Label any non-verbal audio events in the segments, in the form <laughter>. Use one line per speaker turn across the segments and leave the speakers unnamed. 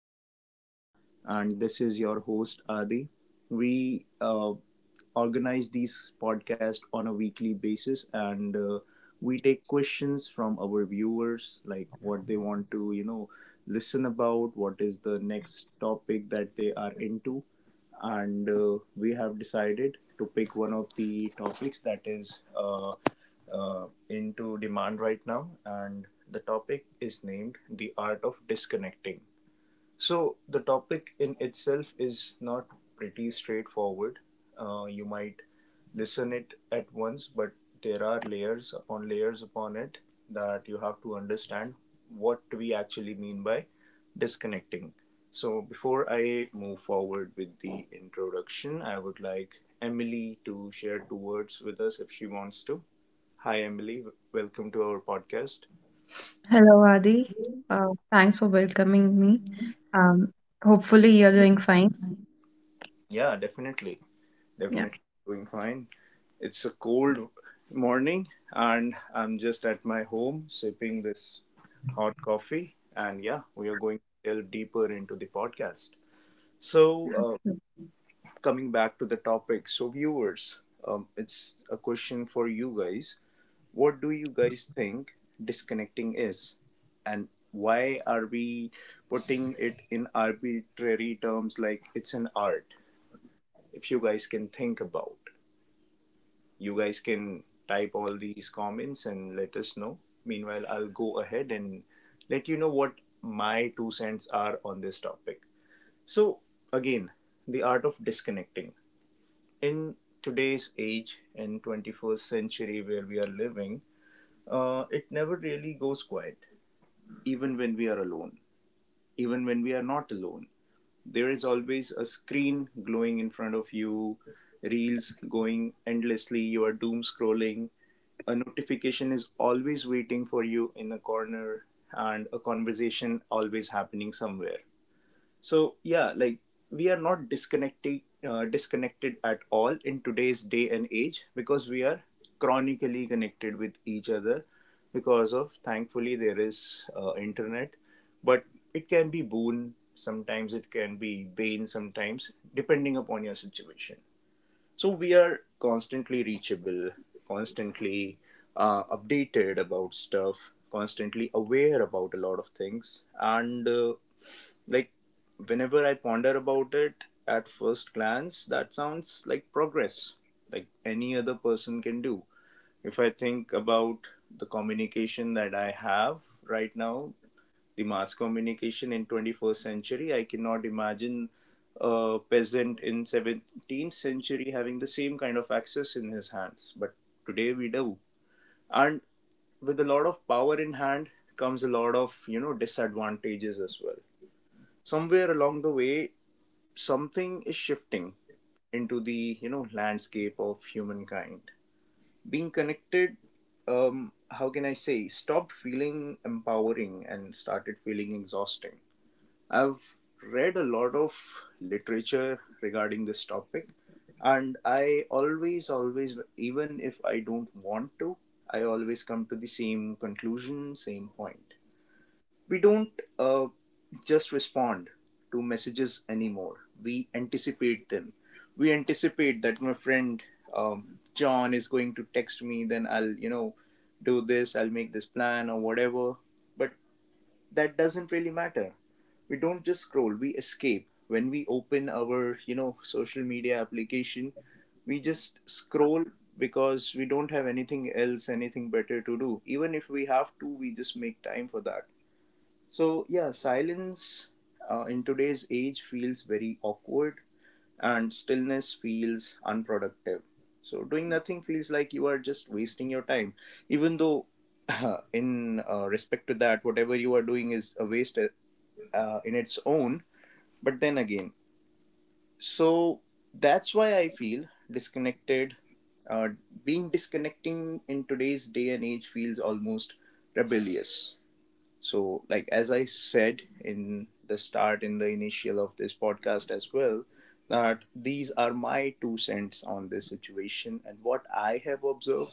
guest panel. And this is your host, Adi. We organize these podcasts on a weekly basis and we take questions from our viewers like what they want to listen about what is the next topic that they are into and we have decided to pick one of the topics that is into demand right now, and the topic is named the art of disconnecting. So the topic in itself is not pretty straightforward. You might listen it at once, but there are layers upon it that you have to understand what we actually mean by disconnecting. So before I move forward with the introduction, I would like Emily to share two words with us if she wants to. Hi, Emily. Welcome to our podcast.
Hello, Adi. Thanks for welcoming me. Um, Hopefully you're doing fine.
Yeah, definitely. Definitely doing fine.
Yeah.
It's a cold morning, and I'm just at my home sipping this hot coffee. And yeah, we are going to delve deeper into the podcast. So, uh, coming back to the topic, so viewers, it's a question for you guys. What do you guys think disconnecting is? And why are we putting it in arbitrary terms like it's an art? If you guys can think about, you guys can type all these comments and let us know. Meanwhile, I'll go ahead and let you know what my $0.02 are on this topic. So, again, the art of disconnecting. In today's age and 21st century where we are living, it never really goes quiet, even when we are alone, even when we are not alone. There is always a screen glowing in front of you, reels going endlessly, you are doom scrolling, a notification is always waiting for you in a corner, and a conversation always happening somewhere. So yeah, like, we are not disconnected at all in today's day and age, because we are chronically connected with each other because of, thankfully, there is internet. But it can be boon sometimes, it can be bane sometimes, depending upon your situation. So we are constantly reachable, constantly updated about stuff, constantly aware about a lot of things. And uh, like whenever I ponder about it, at first glance that sounds like progress, like any other person can do. If I think about the communication that I have right now, the mass communication in 21st century, I cannot imagine a peasant in 17th century having the same kind of access in his hands, but today we do. And with a lot of power in hand comes a lot of, disadvantages as well. Somewhere along the way, something is shifting into the, landscape of humankind. Being connected, how can I say, stopped feeling empowering and started feeling exhausting. I've read a lot of literature regarding this topic, and I always, always, even if I don't want to, I always come to the same conclusion, same point. We don't just respond to messages anymore, we anticipate them. We anticipate that my friend, um, John, is going to text me, then I'll, do this, I'll make this plan or whatever. But that doesn't really matter. We don't just scroll, we escape. When we open our, social media application, we just scroll because we don't have anything else, anything better to do. Even if we have to, we just make time for that. So, yeah, silence in today's age feels very awkward, and stillness feels unproductive. So, doing nothing feels like you are just wasting your time, even though, <laughs> in respect to that, whatever you are doing is a waste in its own. But then again, so that's why I feel disconnected. Uh, Being disconnecting in today's day and age feels almost rebellious. So, like as I said in the start, in the initial of this podcast as well, that these are my $0.02 on this situation and what I have observed,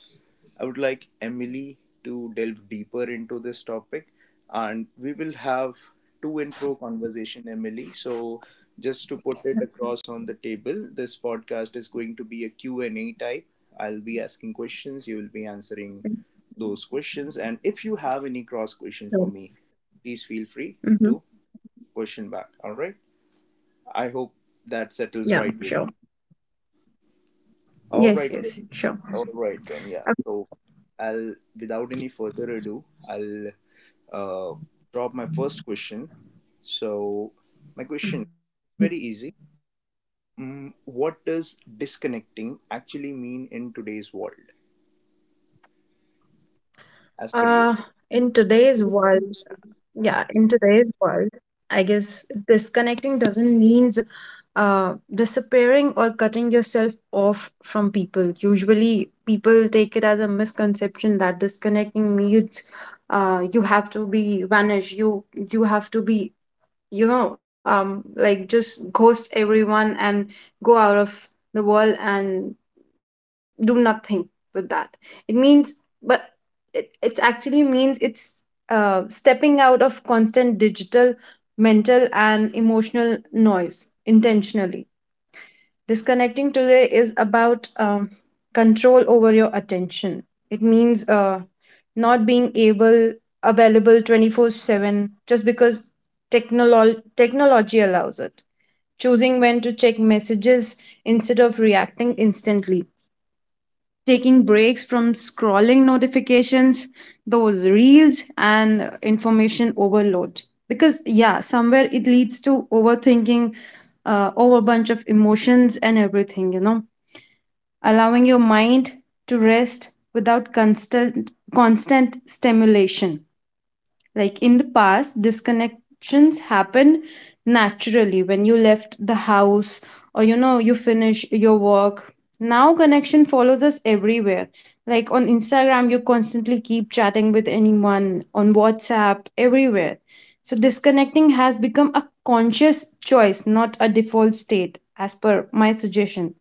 I would like Emily to delve deeper into this topic, and we will have to and fro conversation, Emily. So, just to put it across on the table, this podcast is going to be a Q and a type. I'll be asking questions, you will be answering those questions, and if you have any cross question for me,
So,
please feel free to
mm-hmm.
question back. All right. I hope that
Yeah,
settles right
sure.
with. All
Yes,
right.
yes, sure.
All right then. Yeah.
Uh,
So without any further ado, I'll uh, drop my first question. So, my question is
mhm.
very easy. What does disconnecting actually mean in today's world, as per you?
Uh, in today's world, Yeah, in today's world, I guess disconnecting doesn't means disappearing or cutting yourself off from people. Usually, people take it as a misconception that disconnecting means you have to be vanished, you have to be you know like just ghost everyone and go out of the world and do nothing with that it means but it, it actually means it's stepping out of constant digital, mental and emotional noise intentionally. Disconnecting today is about control over your attention. It means not being able available 24/7 just because technology allows it. Choosing when to check messages instead of reacting instantly, taking breaks from scrolling notifications, those reels, and information overload. Because, yeah, somewhere it leads to overthinking, over bunch of emotions and everything, you know, allowing your mind to rest without constant stimulation. Like in the past, disconnections happened naturally when you left the house or you know you finish your work. Now connection follows us everywhere. Like on Instagram, you constantly keep chatting with anyone, on WhatsApp, everywhere. So disconnecting has become a conscious choice, not a default state, as per my suggestion.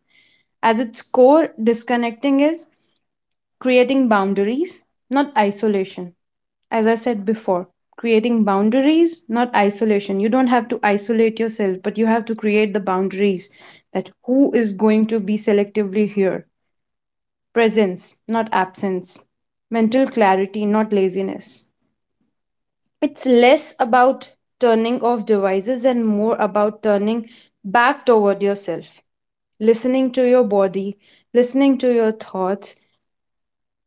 As its core, disconnecting is creating boundaries, not isolation. As I said before, creating boundaries, not isolation. You don't have to isolate yourself, but you have to create the boundaries that who is going to be selectively here. Presence, not absence. Mental clarity, not laziness. It's less about turning off devices and more about turning back toward yourself, listening to your body, listening to your thoughts,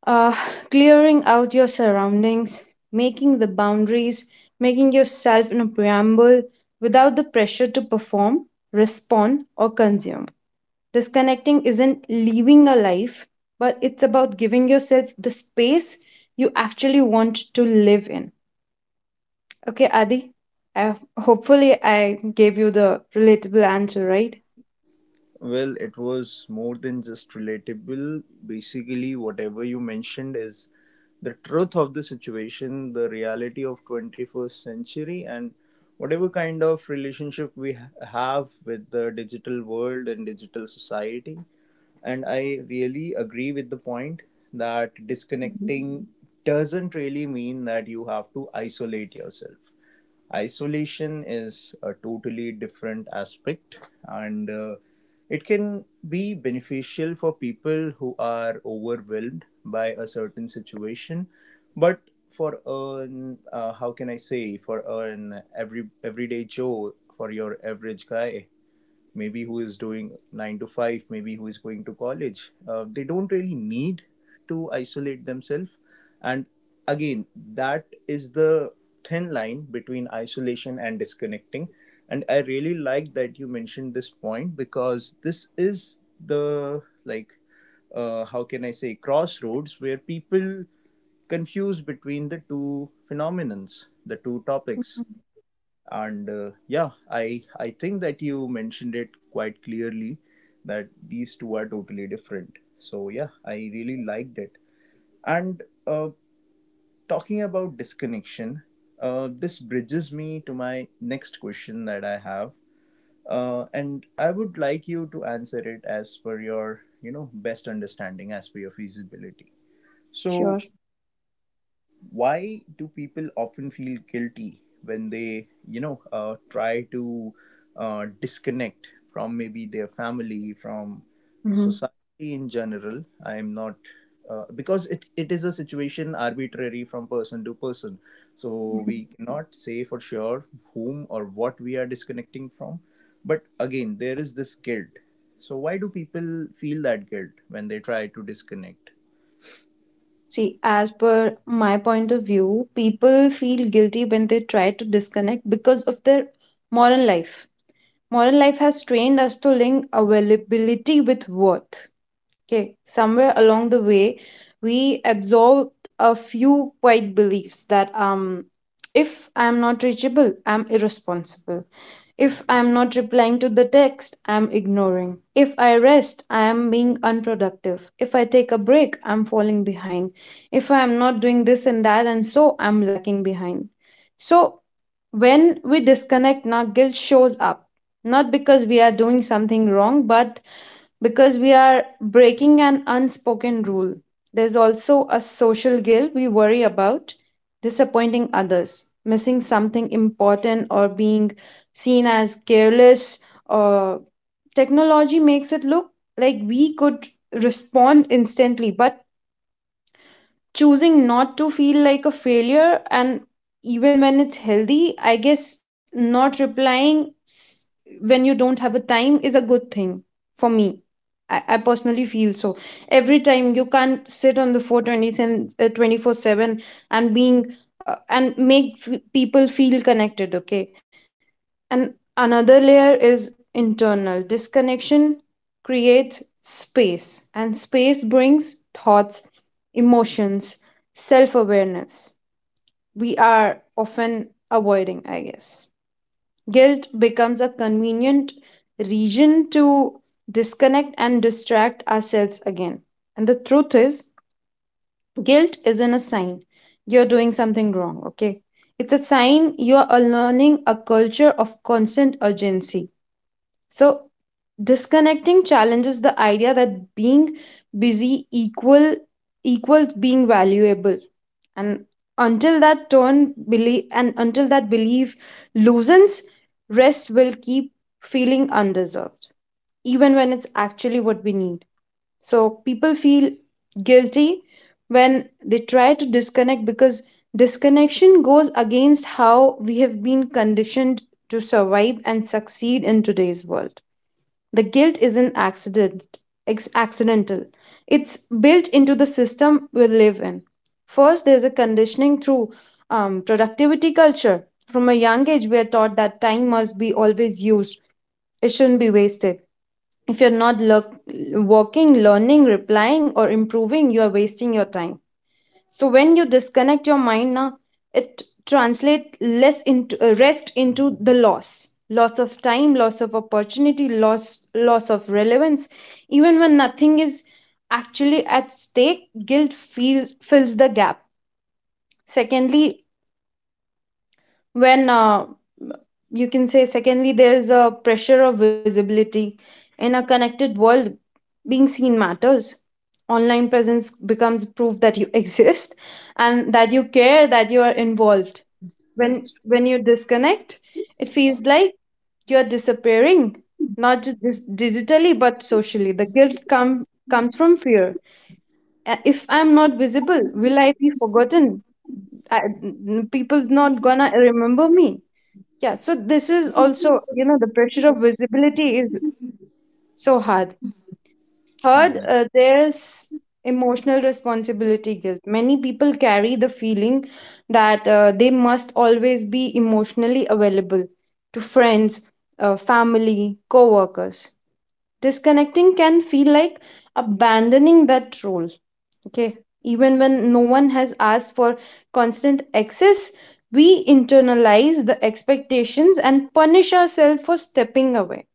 uh, clearing out your surroundings, making the boundaries, making yourself in a preamble without the pressure to perform, respond, or consume. Disconnecting isn't leaving a life, but it's about giving yourself the space you actually want to live in. Okay, Adi, hopefully I gave you the relatable answer, right?
Well, it was more than just relatable. Basically, whatever you mentioned is the truth of the situation, the reality of 21st century, and whatever kind of relationship we have with the digital world and digital society. And I really agree with the point that
Mhm.
disconnecting doesn't really mean that you have to isolate yourself. Isolation is a totally different aspect, and it can be beneficial for people who are overwhelmed by a certain situation. But for an how can I say for an everyday Joe, for your average guy, maybe who is doing 9 to 5, maybe who is going to college, they don't really need to isolate themselves. And again, that is the thin line between isolation and disconnecting. And I really like that you mentioned this point, because this is the like, how can I say, crossroads where people confuse between the two phenomenons, the two topics. And I think that you mentioned it quite clearly, that these two are totally different. So yeah, I really liked it. And Talking about disconnection, this bridges me to my next question that I have. And I would like you to answer it as per your, best understanding, as per your feasibility.
Sure.
So, why do people often feel guilty when they, try to disconnect from maybe their family, from
Hmm.
society in general? I'm not, because it is a situation arbitrary from person to person, so
Hmm.
we cannot say for sure whom or what we are disconnecting from. But again, there is this guilt. So why do people feel that guilt when they try to disconnect?
See, as per my point of view, people feel guilty when they try to disconnect because of their moral life. Moral life has trained us to link availability with worth. Okay, somewhere along the way, we absorbed a few quiet beliefs that if I'm not reachable, I'm irresponsible. If I'm not replying to the text, I'm ignoring. If I rest, I am being unproductive. If I take a break, I'm falling behind. If I'm not doing this and that, and so I'm lacking behind. So when we disconnect, now guilt shows up. Not because we are doing something wrong, but because we are breaking an unspoken rule. There's also a social guilt. We worry about disappointing others, missing something important, or being seen as careless. Or technology makes it look like we could respond instantly, but choosing not to feel like a failure. And even when it's healthy, I guess not replying s- when you don't have a time is a good thing. For me, I personally feel so. Every time you can't sit on the 427, 24/7 and being, and make people feel connected, okay? And another layer is internal. Disconnection creates space, and space brings thoughts, emotions, self awareness. We are often avoiding, I guess. Guilt becomes a convenient region to disconnect and distract ourselves again. And the truth is, guilt isn't a sign you're doing something wrong, okay? It's a sign you're learning a culture of constant urgency. So disconnecting challenges the idea that being busy equals being valuable. And until that belief loosens, rest will keep feeling undeserved, even when it's actually what we need. So people feel guilty when they try to disconnect because disconnection goes against how we have been conditioned to survive and succeed in today's world. The guilt isn't accidental. It's built into the system we live in. First, there's a conditioning through productivity culture. From a young age, we are taught that time must be always used, it shouldn't be wasted. If you're not working, learning, replying, or improving, you are wasting your time. So when you disconnect your mind, na, it translate less into rest, into the loss of time, loss of opportunity, loss of relevance. Even when nothing is actually at stake, guilt feels fills the gap. Secondly, when you can say secondly there is a pressure of visibility. In a connected world, being seen matters. Online presence becomes proof that you <laughs> exist, and that you care, that you are involved.
That's
When
true.
you disconnect, it feels like you're disappearing, not just digitally but socially. The guilt comes from fear. If I'm not visible, will I be forgotten? People not gonna remember me. Yeah, so this is also, you know, the pressure of visibility is so hard. Third,
hmm
there's emotional responsibility guilt. Many people carry the feeling that they must always be emotionally available to friends, family, co workers. Disconnecting can feel like abandoning that role. Okay. Even when no one has asked for constant access, we internalize the expectations and punish ourselves for stepping away.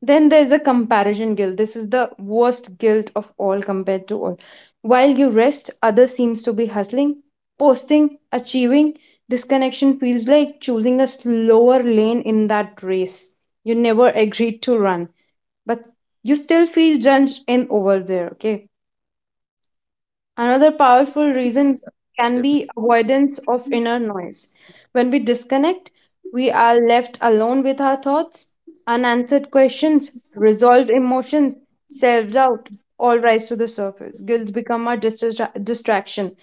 Then there's a comparison guilt. This is the worst guilt of all, compared to all. While you rest, others seems to be hustling, posting, achieving. Disconnection feels like choosing a slower lane in that race. You never agreed to run, but you still feel judged in over there. Okay. Another powerful reason can be avoidance of inner noise. When we disconnect, we are left alone with our thoughts, unanswered questions, resolved emotions, self doubt all rise to the surface. Guilt become our distraction,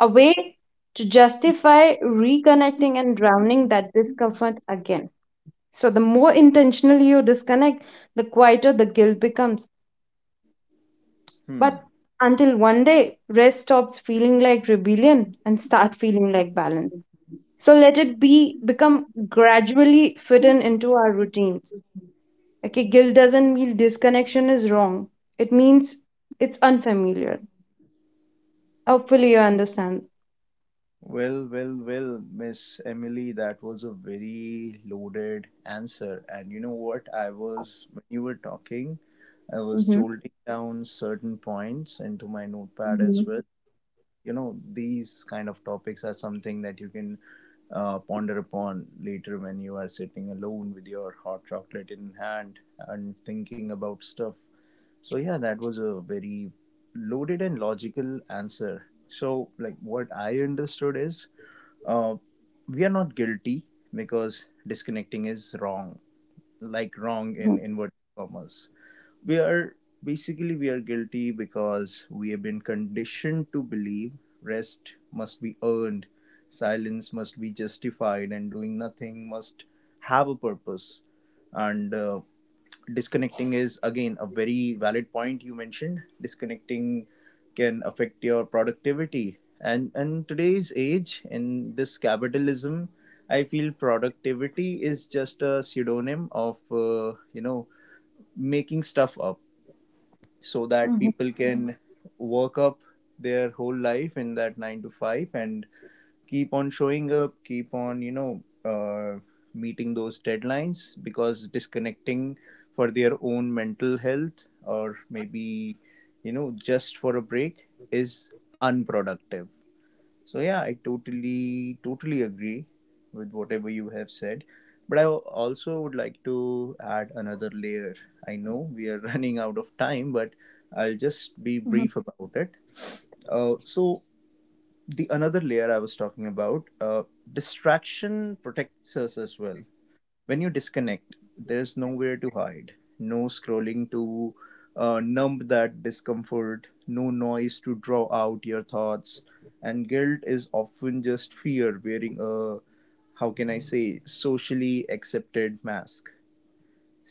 a way to justify reconnecting and drowning that discomfort again. So, the more intentionally you disconnect, the quieter the guilt becomes, but
definitely.
until one day, rest stops feeling like rebellion and start feeling like balance. So let it be become gradually fit in into our routines. Okay, guilt doesn't mean disconnection is wrong. It means it's unfamiliar. Hopefully you understand.
Well, well, well, Miss Emily, that was a very loaded answer. And you know what? When you were talking, I was
Mm-hmm.
jolting down certain points into my notepad as
Mm-hmm.
well. You know, these kind of topics are something that you can ponder upon later when you are sitting alone with your hot chocolate in hand and thinking about stuff. So, yeah, that was a very loaded and logical answer. So, like, what I understood is, uh, we are not guilty because disconnecting is wrong, like wrong in inverted commas. We are basically we are guilty because we have been conditioned to believe rest must be earned, silence must be justified, and doing nothing must have a purpose. And disconnecting is, again, a very valid point you mentioned. Disconnecting can affect your productivity, and today's age, in this capitalism, I feel productivity is just a pseudonym of, making stuff up so that
Mm-hmm.
people can work up their whole life in that 9 to 5 and keep on showing up, keep on, meeting those deadlines, because disconnecting for their own mental health, or maybe, just for a break, is unproductive. So yeah, I totally agree with whatever you have said. But I also would like to add another layer. I know we are <laughs> running out of time, but I'll just be brief about it. So the another layer I was talking about, distraction protects us as well. When you disconnect, there's nowhere to hide. No scrolling to numb that discomfort. No noise to draw out your thoughts. And guilt is often just fear wearing a, how can I say, socially accepted mask.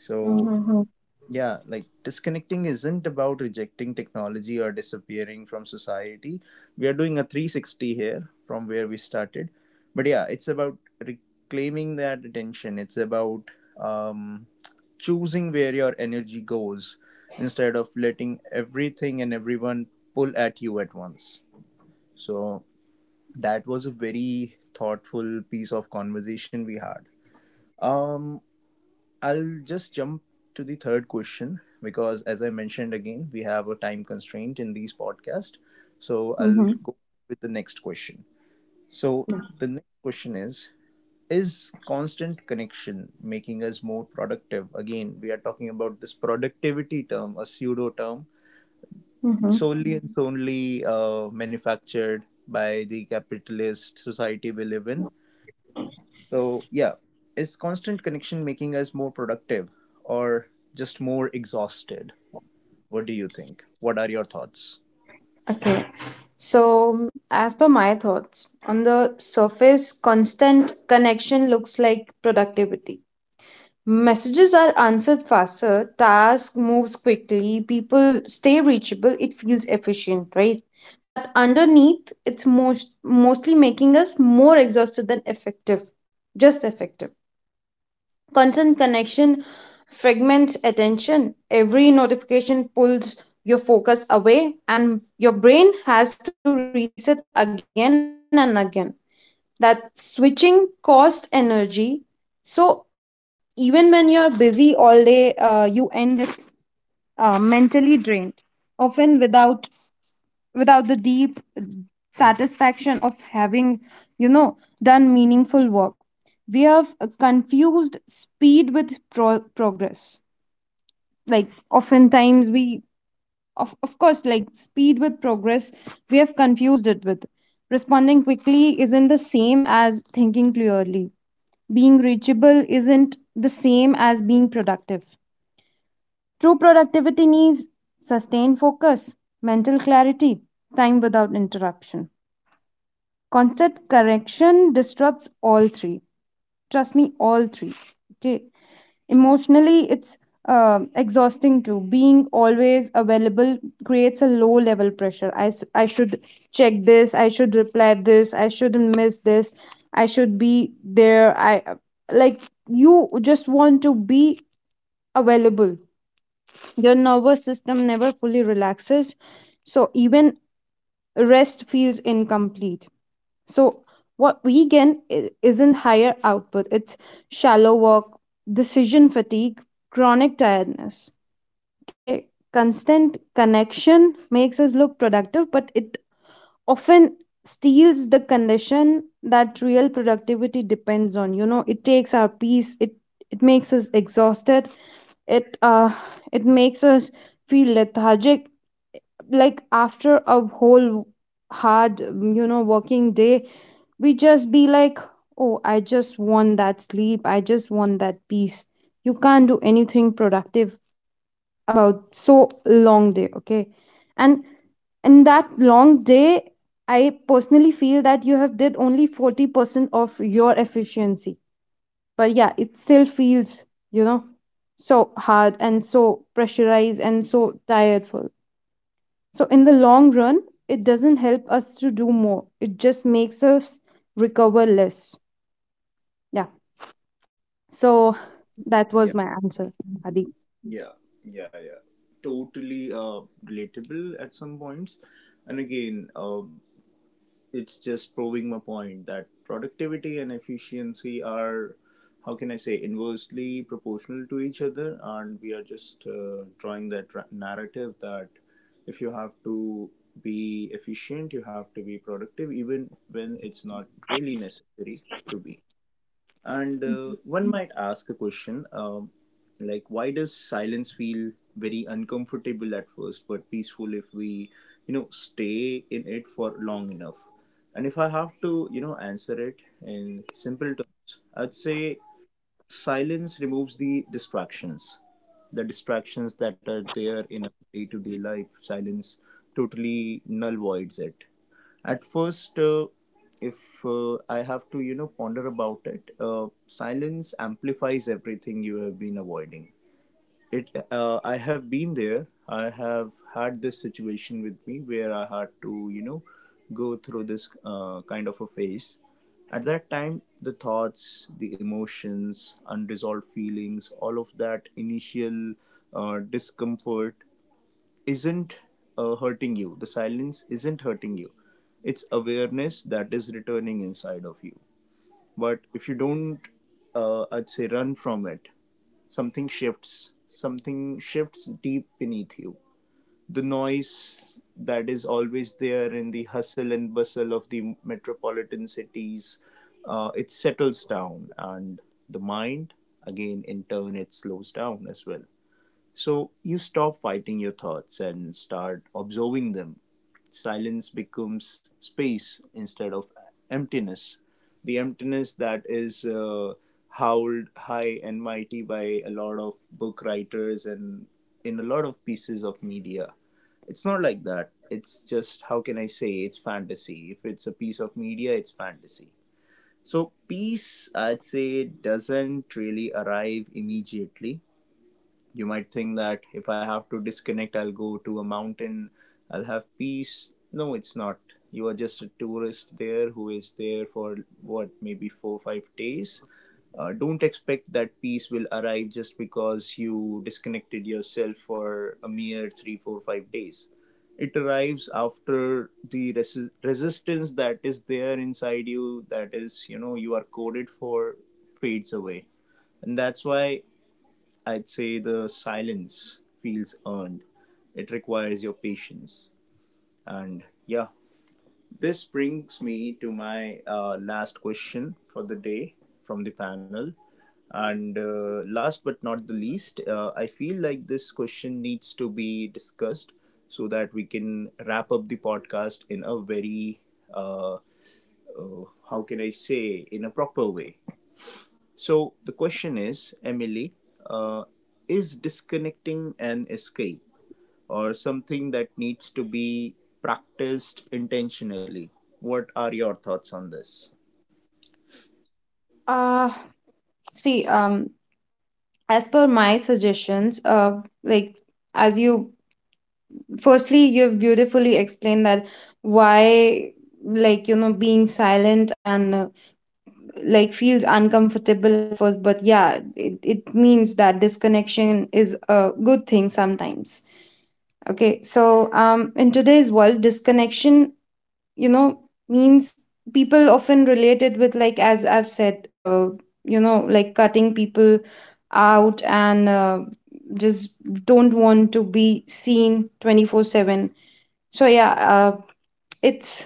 Mm-hmm. Mm-hmm.
yeah, like disconnecting isn't about rejecting technology or disappearing from society. We are doing a 360 here from where we started. But yeah, it's about reclaiming that attention. It's about, um, choosing where your energy goes instead of letting everything and everyone pull at you at once. So that was a very thoughtful piece of conversation we had. Um I'll just jump to the third question because, as I mentioned again, we have a time constraint in these podcasts. So
Mm-hmm.
I'll go with the next question. So the next question is: is constant connection making us more productive? Again, we are talking about this productivity term, a pseudo term,
Mm-hmm.
solely and solely manufactured by the capitalist society we live in, so, yeah, is constant connection making us more productive or just more exhausted? What do you think? What are your thoughts?
Okay. So, mm, as per my thoughts, on the surface, constant connection looks like productivity. Messages are answered faster, task moves quickly, people stay reachable, it feels efficient, right? But underneath, it's mostly making us more exhausted than effective, just effective. Constant connection fragments attention. Every notification pulls your focus away, and your brain has to reset again and again. That switching costs energy, so even when you're busy all day, you end up, mentally drained, often without the deep satisfaction of having you know done meaningful work. We have confused speed with progress. Like oftentimes we, of course, like speed with progress, we have confused it with, responding quickly isn't the same as thinking clearly, being reachable isn't the same as being productive. True productivity needs sustained focus, mental clarity, time without interruption. Constant correction disrupts all three. Trust me, all three. Okay. Emotionally, it's exhausting too. Being always available creates a low level pressure. I should check this. I should reply this. I shouldn't miss this. I should be there. I like You just want to be available. Your nervous system never fully relaxes. So even rest feels incomplete. So what we isn't higher output, it's shallow work, decision fatigue, chronic tiredness. Okay, constant connection makes us look productive, but it often steals the condition that real productivity depends on. You know, it takes our peace, it makes us exhausted, it uh it makes us feel lethargic. Like after a whole hard, you know, working day, we just be like, oh, I just want that sleep. I just want that peace. You can't do anything productive about so long day, okay? And in that long day, I personally feel that you have did only 40% of your efficiency. But yeah, it still feels, you know, so hard and so pressurized and so tiredful. So in the long run, it doesn't help us to do more. It just makes us recover less. Yeah. So that was
Yeah,
my answer, Adi.
yeah, yeah, yeah. Totally relatable at some points. And again, it's just proving my point that productivity and efficiency are, how can I say, inversely proportional to each other, and we are just drawing that narrative that if you have to be efficient you have to be productive even when it's not really necessary to be. And one might ask a question, like, why does silence feel very uncomfortable at first, but peaceful if we, you know, stay in it for long enough? And if I have to, you know, answer it in simple terms, I'd say silence removes the distractions, the distractions that are there in our day-to-day life. Silence totally null voids it at first. If I have to, you know, ponder about it, silence amplifies everything you have been avoiding. It I have been there, I have had this situation with me where I had to, you know, go through this kind of a phase. At that time, the thoughts, the emotions, unresolved feelings, all of that initial discomfort isn't hurting you. The silence isn't hurting you. It's awareness that is returning inside of you. But if you don't, I'd say, run from it, something shifts, something shifts deep beneath you. The noise that is always there in the hustle and bustle of the metropolitan cities, it settles down, and the mind, again in turn, it slows down as well. So you stop fighting your thoughts and start observing them. Silence becomes space instead of emptiness. The emptiness that is howled high and mighty by a lot of book writers and in a lot of pieces of media. It's not like that. It's just, how can I say, it's fantasy. If it's a piece of media, it's fantasy. So, peace, I'd say, doesn't really arrive immediately. You might think that if I have to disconnect, I'll go to a mountain, I'll have peace. No, it's not. You are just a tourist there who is there for what, maybe 4 or 5 days. Don't expect that peace will arrive just because you disconnected yourself for a mere three, four, 5 days. It arrives after the resistance that is there inside you, that is, you know, you are coded for, fades away, and that's why I'd say the silence feels earned. It requires your patience. And yeah, this brings me to my last question for the day from the panel. And last but not the least, I feel like this question needs to be discussed so that we can wrap up the podcast in a very, uh, uh, how can I say, in a proper way. So the question is, Emily, uh, is disconnecting an escape or something that needs to be practiced intentionally? What are your thoughts on this?
Uh, see, as per my suggestions, like as you firstly you've beautifully explained that why like you know being silent and, like, feels uncomfortable at first, but yeah, it means that disconnection is a good thing sometimes. Okay, so in today's world, disconnection you know means people often relate it with like as I've said, you know, like cutting people out and, just don't want to be seen 24/7. So yeah, it's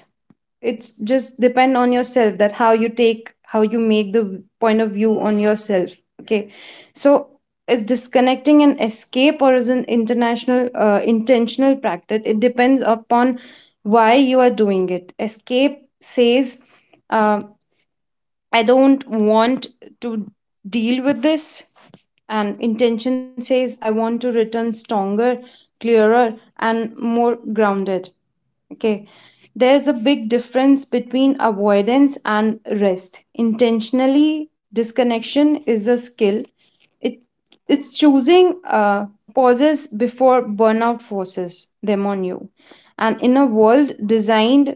it's just depend on yourself that how you take, how you make the point of view on yourself, okay? So is disconnecting an escape or is an international intentional practice? It depends upon why you are doing it. Escape says, uh, I don't want to deal with this, and intention says, I want to return stronger, clearer, and more grounded. Okay, there's a big difference between avoidance and rest. Intentionally, disconnection is a skill. It it's choosing pauses before burnout forces them on you. And in a world designed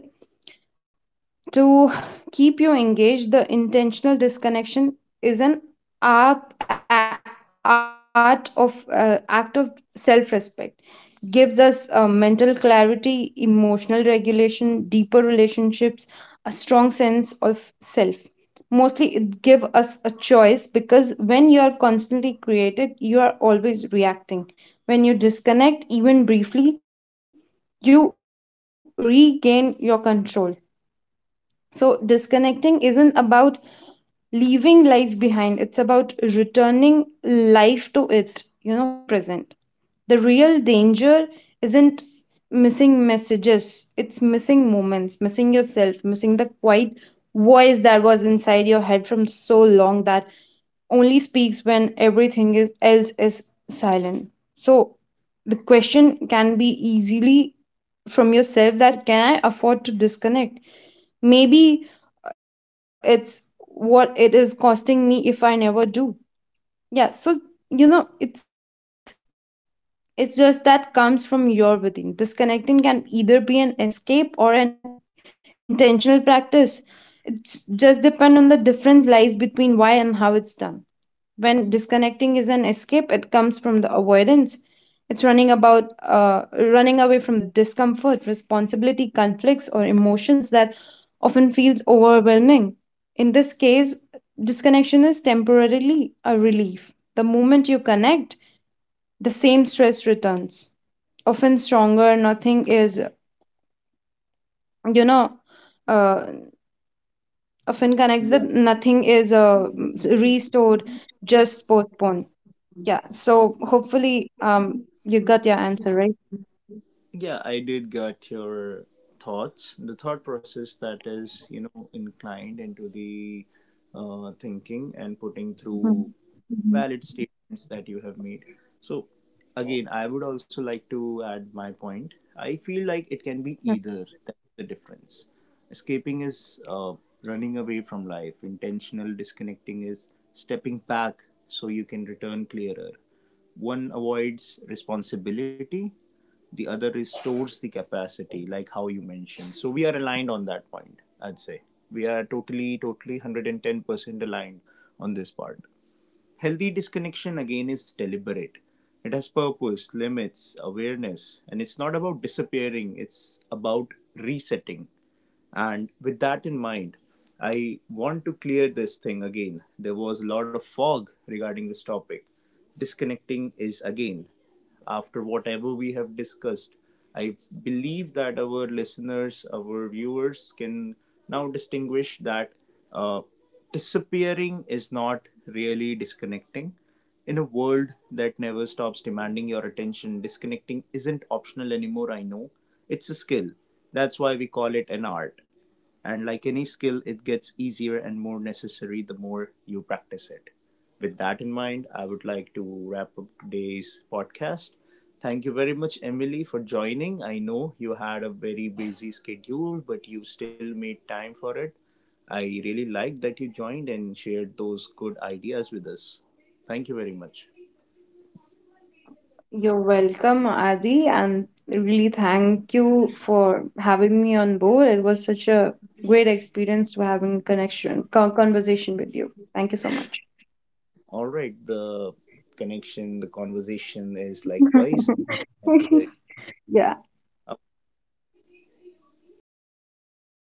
to keep you engaged, the intentional disconnection is an art of act of self-respect. Gives us, mental clarity, emotional regulation, deeper relationships, a strong sense of self. Mostly, it give us a choice, because when you are constantly created, you are always reacting. When you disconnect, even briefly, you regain your control. So, disconnecting isn't about leaving life behind, it's about returning life to it, you know, fully present. The real danger isn't missing messages, it's missing moments, missing yourself, missing the quiet voice that was inside your head from so long that only speaks when else is silent. So the question can be easily from yourself that, can I afford to disconnect? Maybe it's what it is costing me if I never do. Yeah, so you know, it's just that comes from your within. Disconnecting can either be an escape or an intentional practice. It just depend on the different lies between why and how it's done. When disconnecting is an escape, it comes from the avoidance. It's running away from the discomfort, responsibility, conflicts, or emotions that often feels overwhelming. In this case, disconnection is temporarily a relief. The moment you connect, the same stress returns often stronger. Nothing is, you know, uh, often connects that
Yeah.
nothing is, restored, just postponed. Yeah,
Oh,
so hopefully you got your answer right?
yeah, I did get your thoughts. The thought process that is, you know, inclined into the thinking and putting through
Mhm.
valid
Mhm.
statements that you have made. So, again, I would also like to add my point. I feel like it can be either.
Yeah.
That's the difference. Escaping is running away from life, intentional disconnecting is stepping back so you can return clearer. One avoids responsibility, the other restores the capacity, like how you mentioned. So, we are aligned on that point, I'd say. We are totally, totally 110% aligned on this part. Healthy disconnection again is deliberate. It has purpose, limits, awareness, and it's not about disappearing, it's about resetting. And with that in mind, I want to clear this thing again. There was a lot of fog regarding this topic. Disconnecting is, again, after whatever we have discussed, I believe that our listeners, our viewers can now distinguish that uh, disappearing is not really disconnecting. In a world that never stops demanding your attention, disconnecting isn't optional anymore, I know. It's a skill. That's why we call it an art. And like any skill, it gets easier and more necessary the more you practice it. With that in mind, I would like to wrap up today's podcast. Thank you very much, Emily, for joining. I know you had a very busy schedule, but you still made time for it. I really liked that you joined and shared those good ideas with us. Thank you very much.
Uh, you're welcome, Adi, and really thank you for having me on board. It was such a great experience to having conversation with you. Thank you so much.
All right, the connection, the conversation is likewise. And thank you
<laughs>
very
Yeah.